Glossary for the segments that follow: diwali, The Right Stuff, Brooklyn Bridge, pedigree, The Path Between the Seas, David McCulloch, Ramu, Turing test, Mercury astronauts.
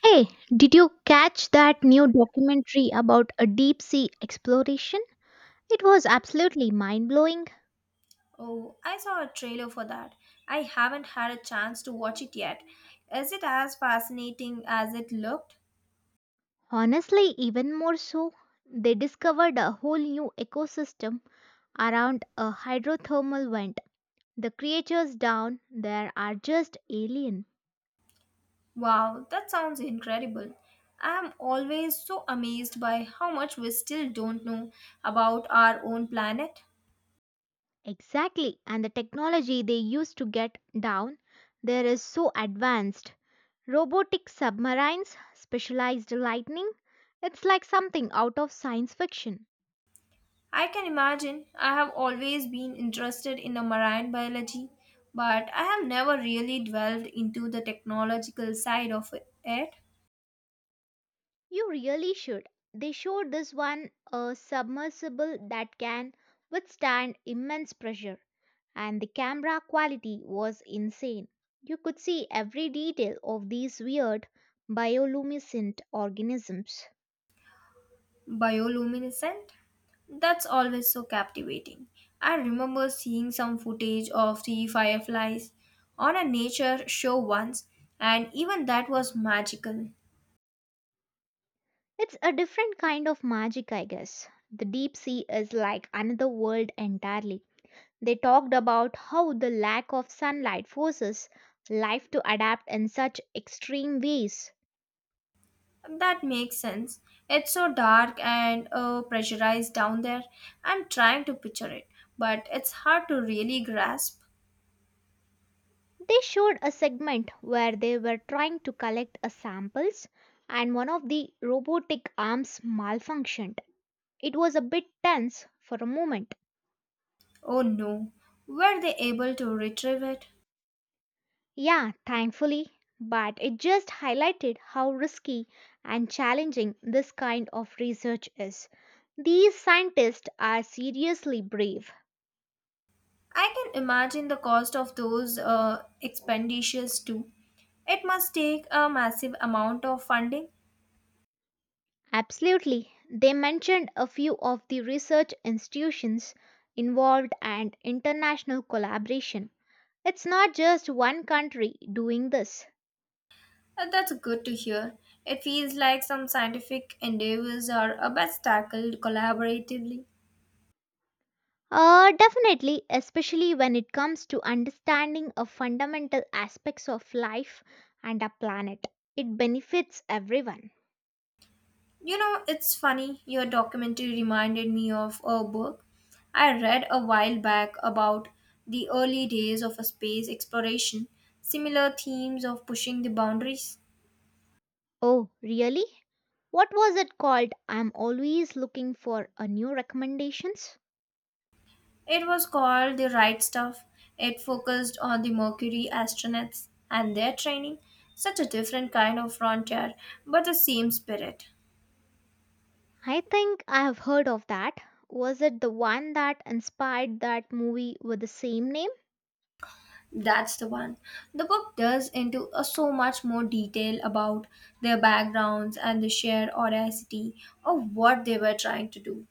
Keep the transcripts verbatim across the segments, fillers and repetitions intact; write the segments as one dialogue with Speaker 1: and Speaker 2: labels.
Speaker 1: Hey, did you catch that new documentary about a deep sea exploration? It was absolutely mind blowing.
Speaker 2: Oh, I saw a trailer for that. I haven't had a chance to watch it yet. Is it as fascinating as it looked?
Speaker 1: Honestly, even more so, they discovered a whole new ecosystem around a hydrothermal vent. The creatures down there are just alien.
Speaker 2: Wow, that sounds incredible. I am always so amazed by how much we still don't know about our own planet.
Speaker 1: Exactly, and the technology they used to get down there is so advanced. Robotic submarines, specialized lightning, it's like something out of science fiction.
Speaker 2: I can imagine I have always been interested in the marine biology, but I have never really delved into the technological side of it.
Speaker 1: You really should. They showed this one a submersible that can withstand immense pressure, and the camera quality was insane. You could see every detail of these weird bioluminescent organisms.
Speaker 2: Bioluminescent, that's always so captivating. I remember seeing some footage of the fireflies on a nature show once, and even that was magical.
Speaker 1: It's a different kind of magic, I guess. The deep sea is like another world entirely. They talked about how the lack of sunlight forces life to adapt in such extreme ways.
Speaker 2: That makes sense. It's so dark and uh, pressurized down there. I'm trying to picture it, but it's hard to really grasp.
Speaker 1: They showed a segment where they were trying to collect a samples and one of the robotic arms malfunctioned. It was a bit tense for a moment.
Speaker 2: Oh no, were they able to retrieve it?
Speaker 1: Yeah, thankfully, but it just highlighted how risky and challenging this kind of research is. These scientists are seriously brave.
Speaker 2: I can imagine the cost of those uh, expenditures too. It must take a massive amount of funding.
Speaker 1: Absolutely. They mentioned a few of the research institutions involved and international collaboration. It's not just one country doing this.
Speaker 2: Uh, That's good to hear. It feels like some scientific endeavors are uh, best tackled collaboratively.
Speaker 1: Uh, definitely, especially when it comes to understanding of fundamental aspects of life and our planet. It benefits everyone.
Speaker 2: You know, it's funny, your documentary reminded me of a book I read a while back about the early days of a space exploration, similar themes of pushing the boundaries.
Speaker 1: Oh, really? What was it called? I'm always looking for a new recommendations.
Speaker 2: It was called The Right Stuff. It focused on the Mercury astronauts and their training. Such a different kind of frontier, but the same spirit.
Speaker 1: I think I have heard of that. Was it the one that inspired that movie with the same name?
Speaker 2: That's the one. The book delves into a, so much more detail about their backgrounds and the sheer audacity of what they were trying to do.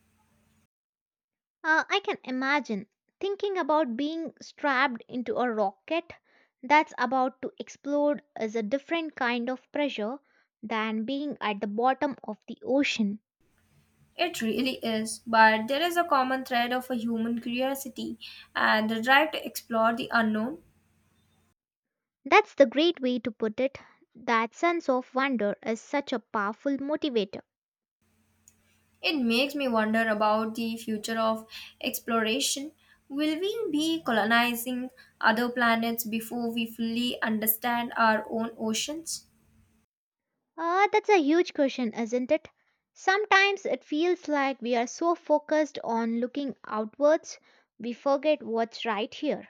Speaker 1: Uh, I can imagine thinking about being strapped into a rocket that's about to explode is a different kind of pressure than being at the bottom of the ocean.
Speaker 2: It really is, but there is a common thread of a human curiosity and the drive to explore the unknown.
Speaker 1: That's the great way to put it. That sense of wonder is such a powerful motivator.
Speaker 2: It makes me wonder about the future of exploration. Will we be colonizing other planets before we fully understand our own oceans?
Speaker 1: Uh, that's a huge question, isn't it? Sometimes it feels like we are so focused on looking outwards, we forget what's right here.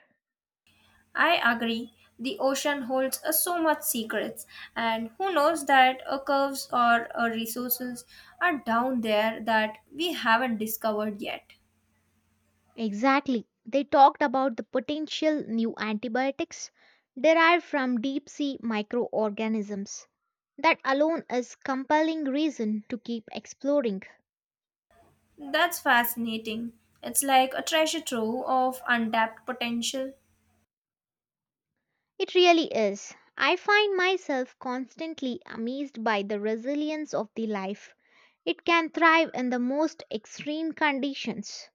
Speaker 2: I agree. The ocean holds uh, so much secrets, and who knows that uh, curves or uh, resources are down there that we haven't discovered yet.
Speaker 1: Exactly. They talked about the potential new antibiotics derived from deep sea microorganisms. That alone is compelling reason to keep exploring.
Speaker 2: That's fascinating. It's like a treasure trove of untapped potential.
Speaker 1: It really is. I find myself constantly amazed by the resilience of the life. It can thrive in the most extreme conditions.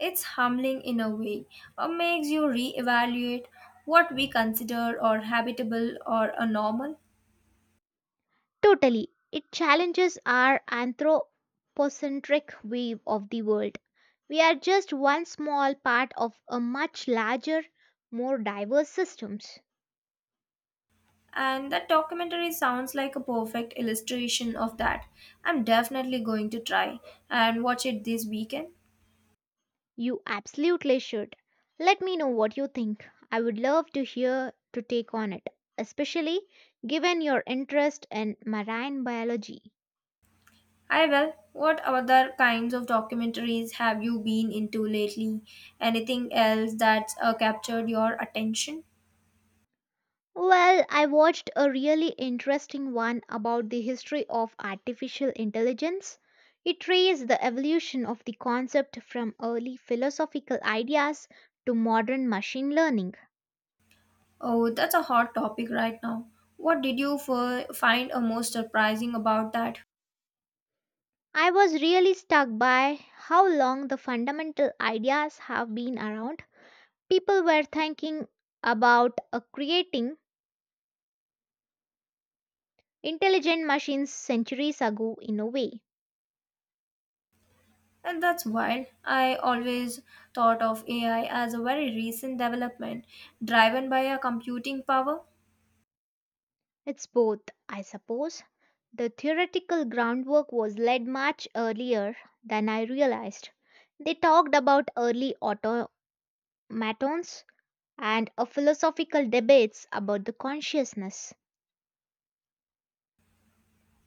Speaker 2: It's humbling in a way. It makes you reevaluate what we consider or habitable or a normal.
Speaker 1: Totally. It challenges our anthropocentric view of the world. We are just one small part of a much larger, more diverse systems.
Speaker 2: And that documentary sounds like a perfect illustration of that. I'm definitely going to try and watch it this weekend.
Speaker 1: You absolutely should. Let me know what you think. I would love to hear to take on it, especially given your interest in marine biology.
Speaker 2: I will. What other kinds of documentaries have you been into lately? Anything else that's uh, captured your attention?
Speaker 1: Well, I watched a really interesting one about the history of artificial intelligence. It traced the evolution of the concept from early philosophical ideas to modern machine learning.
Speaker 2: Oh, that's a hot topic right now. What did you f- find uh, most surprising about that?
Speaker 1: I was really struck by how long the fundamental ideas have been around. People were thinking about uh, creating intelligent machines centuries ago in a way.
Speaker 2: And that's wild. I always thought of A I as a very recent development driven by a computing power.
Speaker 1: It's both, I suppose. The theoretical groundwork was laid much earlier than I realized. They talked about early automatons and a philosophical debates about the consciousness.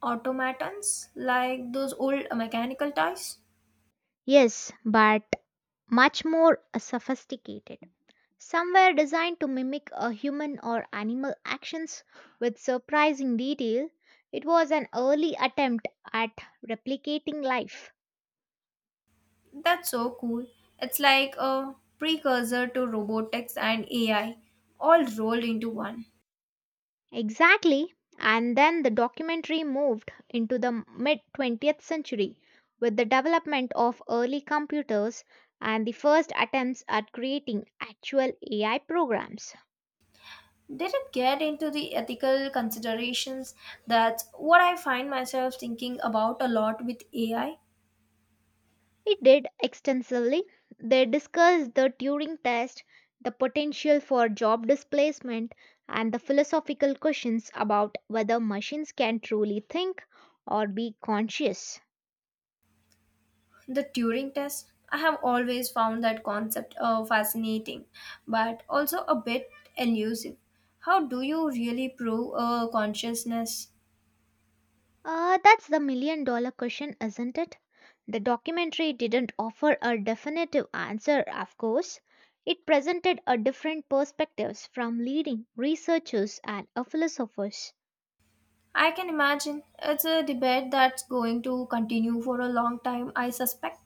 Speaker 2: Automatons like those old mechanical toys.
Speaker 1: Yes, but much more sophisticated. Some were designed to mimic a human or animal actions with surprising detail. It was an early attempt at replicating life.
Speaker 2: That's so cool. It's like a precursor to robotics and A I all rolled into one.
Speaker 1: Exactly. And then the documentary moved into the mid twentieth century with the development of early computers and the first attempts at creating actual A I programs.
Speaker 2: Did it get into the ethical considerations? That's what I find myself thinking about a lot with A I.
Speaker 1: It did extensively. They discussed the Turing test, the potential for job displacement, and the philosophical questions about whether machines can truly think or be conscious.
Speaker 2: The Turing test, I have always found that concept uh, fascinating, but also a bit elusive. How do you really prove uh, consciousness?
Speaker 1: Uh, that's the million dollar question, isn't it? The documentary didn't offer a definitive answer, of course. It presented a different perspectives from leading researchers and uh, philosophers.
Speaker 2: I can imagine it's a debate that's going to continue for a long time, I suspect.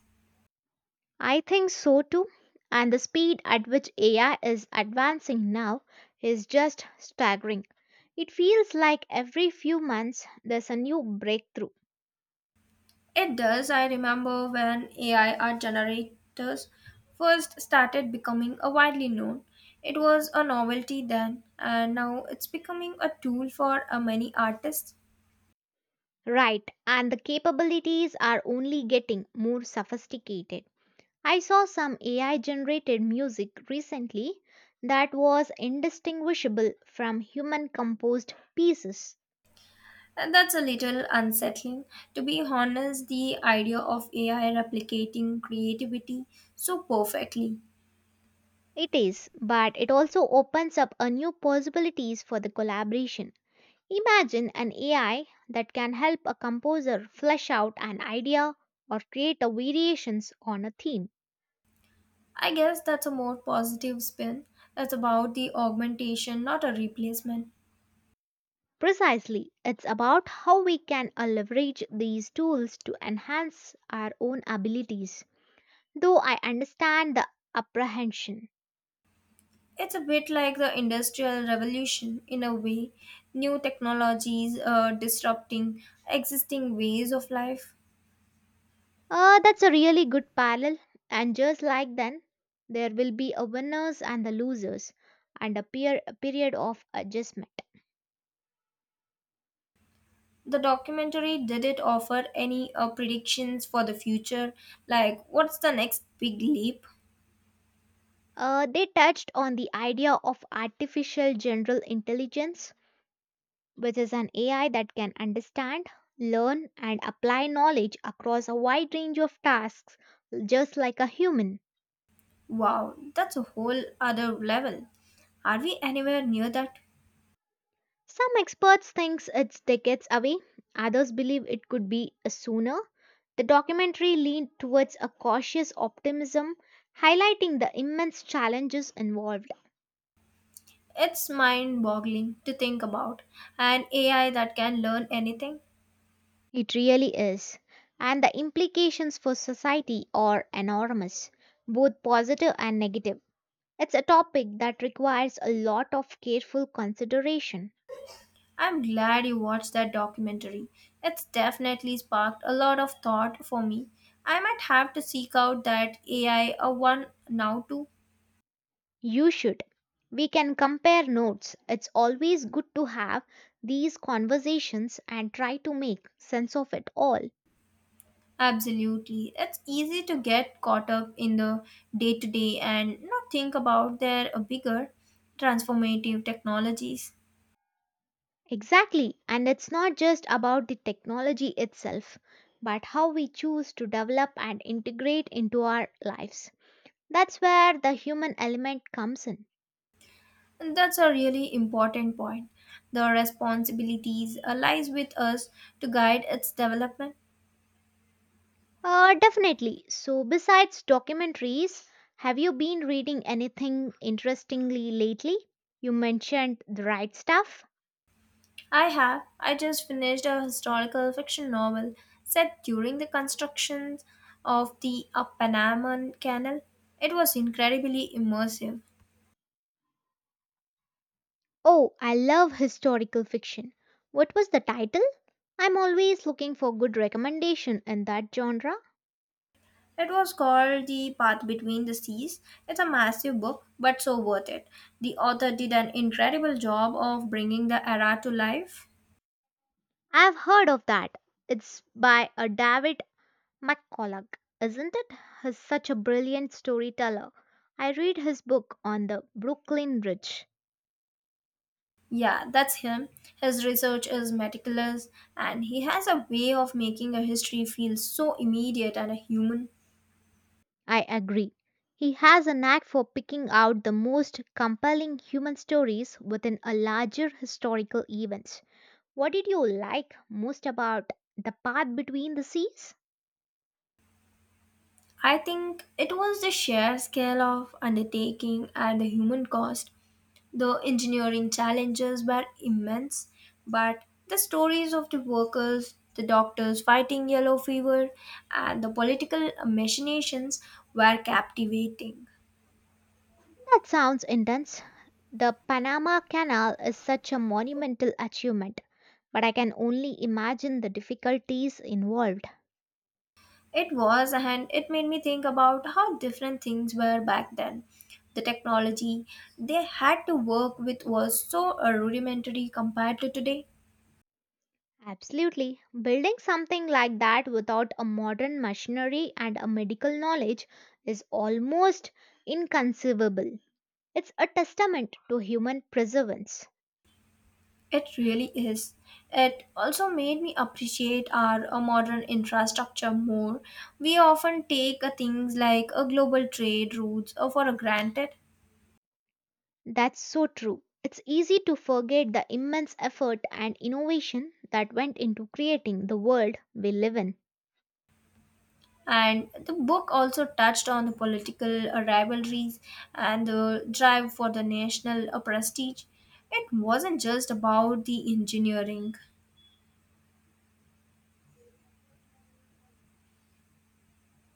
Speaker 1: I think so too. And the speed at which A I is advancing now is just staggering. It feels like every few months there's a new breakthrough.
Speaker 2: It does. I remember when A I art generators first started becoming a widely known. It was a novelty then, and now it's becoming a tool for uh, many artists.
Speaker 1: Right, and the capabilities are only getting more sophisticated. I saw some A I generated music recently that was indistinguishable from human composed pieces.
Speaker 2: And that's a little unsettling. To be honest, the idea of A I replicating creativity so perfectly.
Speaker 1: It is, but it also opens up a new possibilities for the collaboration. Imagine an A I that can help a composer flesh out an idea or create a variations on a theme.
Speaker 2: I guess that's a more positive spin. That's about the augmentation, not a replacement.
Speaker 1: Precisely, it's about how we can uh, leverage these tools to enhance our own abilities. Though I understand the apprehension.
Speaker 2: It's a bit like the Industrial Revolution in a way, new technologies uh, disrupting existing ways of life.
Speaker 1: Uh, that's a really good parallel. And just like then, there will be a winners and the losers, and a, peer, a period of adjustment.
Speaker 2: The documentary, did it offer any uh, predictions for the future, like what's the next big leap?
Speaker 1: Uh, they touched on the idea of artificial general intelligence, which is an A I that can understand, learn, and apply knowledge across a wide range of tasks, just like a human.
Speaker 2: Wow, that's a whole other level. Are we anywhere near that?
Speaker 1: Some experts think it's decades away, others believe it could be sooner. The documentary leaned towards a cautious optimism, highlighting the immense challenges involved.
Speaker 2: It's mind boggling to think about. An A I that can learn anything?
Speaker 1: It really is. And the implications for society are enormous, both positive and negative. It's a topic that requires a lot of careful consideration.
Speaker 2: I'm glad you watched that documentary. It's definitely sparked a lot of thought for me. I might have to seek out that A I a one now too.
Speaker 1: You should. We can compare notes. It's always good to have these conversations and try to make sense of it all.
Speaker 2: Absolutely. It's easy to get caught up in the day to day and not think about their bigger transformative technologies.
Speaker 1: Exactly. And it's not just about the technology itself, but how we choose to develop and integrate into our lives. That's where the human element comes in.
Speaker 2: That's a really important point. The responsibilities uh, lies with us to guide its development.
Speaker 1: Uh, definitely. So, besides documentaries, have you been reading anything interestingly lately? You mentioned The Right Stuff.
Speaker 2: I have. I just finished a historical fiction novel set during the constructions of the uh, Panama Canal. It was incredibly immersive.
Speaker 1: Oh, I love historical fiction. What was the title? I'm always looking for good recommendation in that genre.
Speaker 2: It was called The Path Between the Seas. It's a massive book, but so worth it. The author did an incredible job of bringing the era to life.
Speaker 1: I've heard of that. It's by a David McCulloch, isn't it? He's such a brilliant storyteller. I read his book on the Brooklyn Bridge.
Speaker 2: Yeah, that's him. His research is meticulous, and he has a way of making a history feel so immediate and human.
Speaker 1: I agree. He has a knack for picking out the most compelling human stories within a larger historical events. What did you like most about The Path Between the Seas?
Speaker 2: I think it was the sheer scale of undertaking and the human cost. The engineering challenges were immense, but the stories of the workers, the doctors fighting yellow fever, and the political machinations were captivating.
Speaker 1: That sounds intense. The Panama Canal is such a monumental achievement, but I can only imagine the difficulties involved.
Speaker 2: It was, and it made me think about how different things were back then. The technology they had to work with was so uh, rudimentary compared to today.
Speaker 1: Absolutely. Building something like that without a modern machinery and a medical knowledge is almost inconceivable. It's a testament to human perseverance.
Speaker 2: It really is. It also made me appreciate our uh, modern infrastructure more. We often take uh, things like a global trade routes uh, for granted.
Speaker 1: That's so true. It's easy to forget the immense effort and innovation that went into creating the world we live in.
Speaker 2: And the book also touched on the political uh, rivalries and the drive for the national uh, prestige. It wasn't just about the engineering.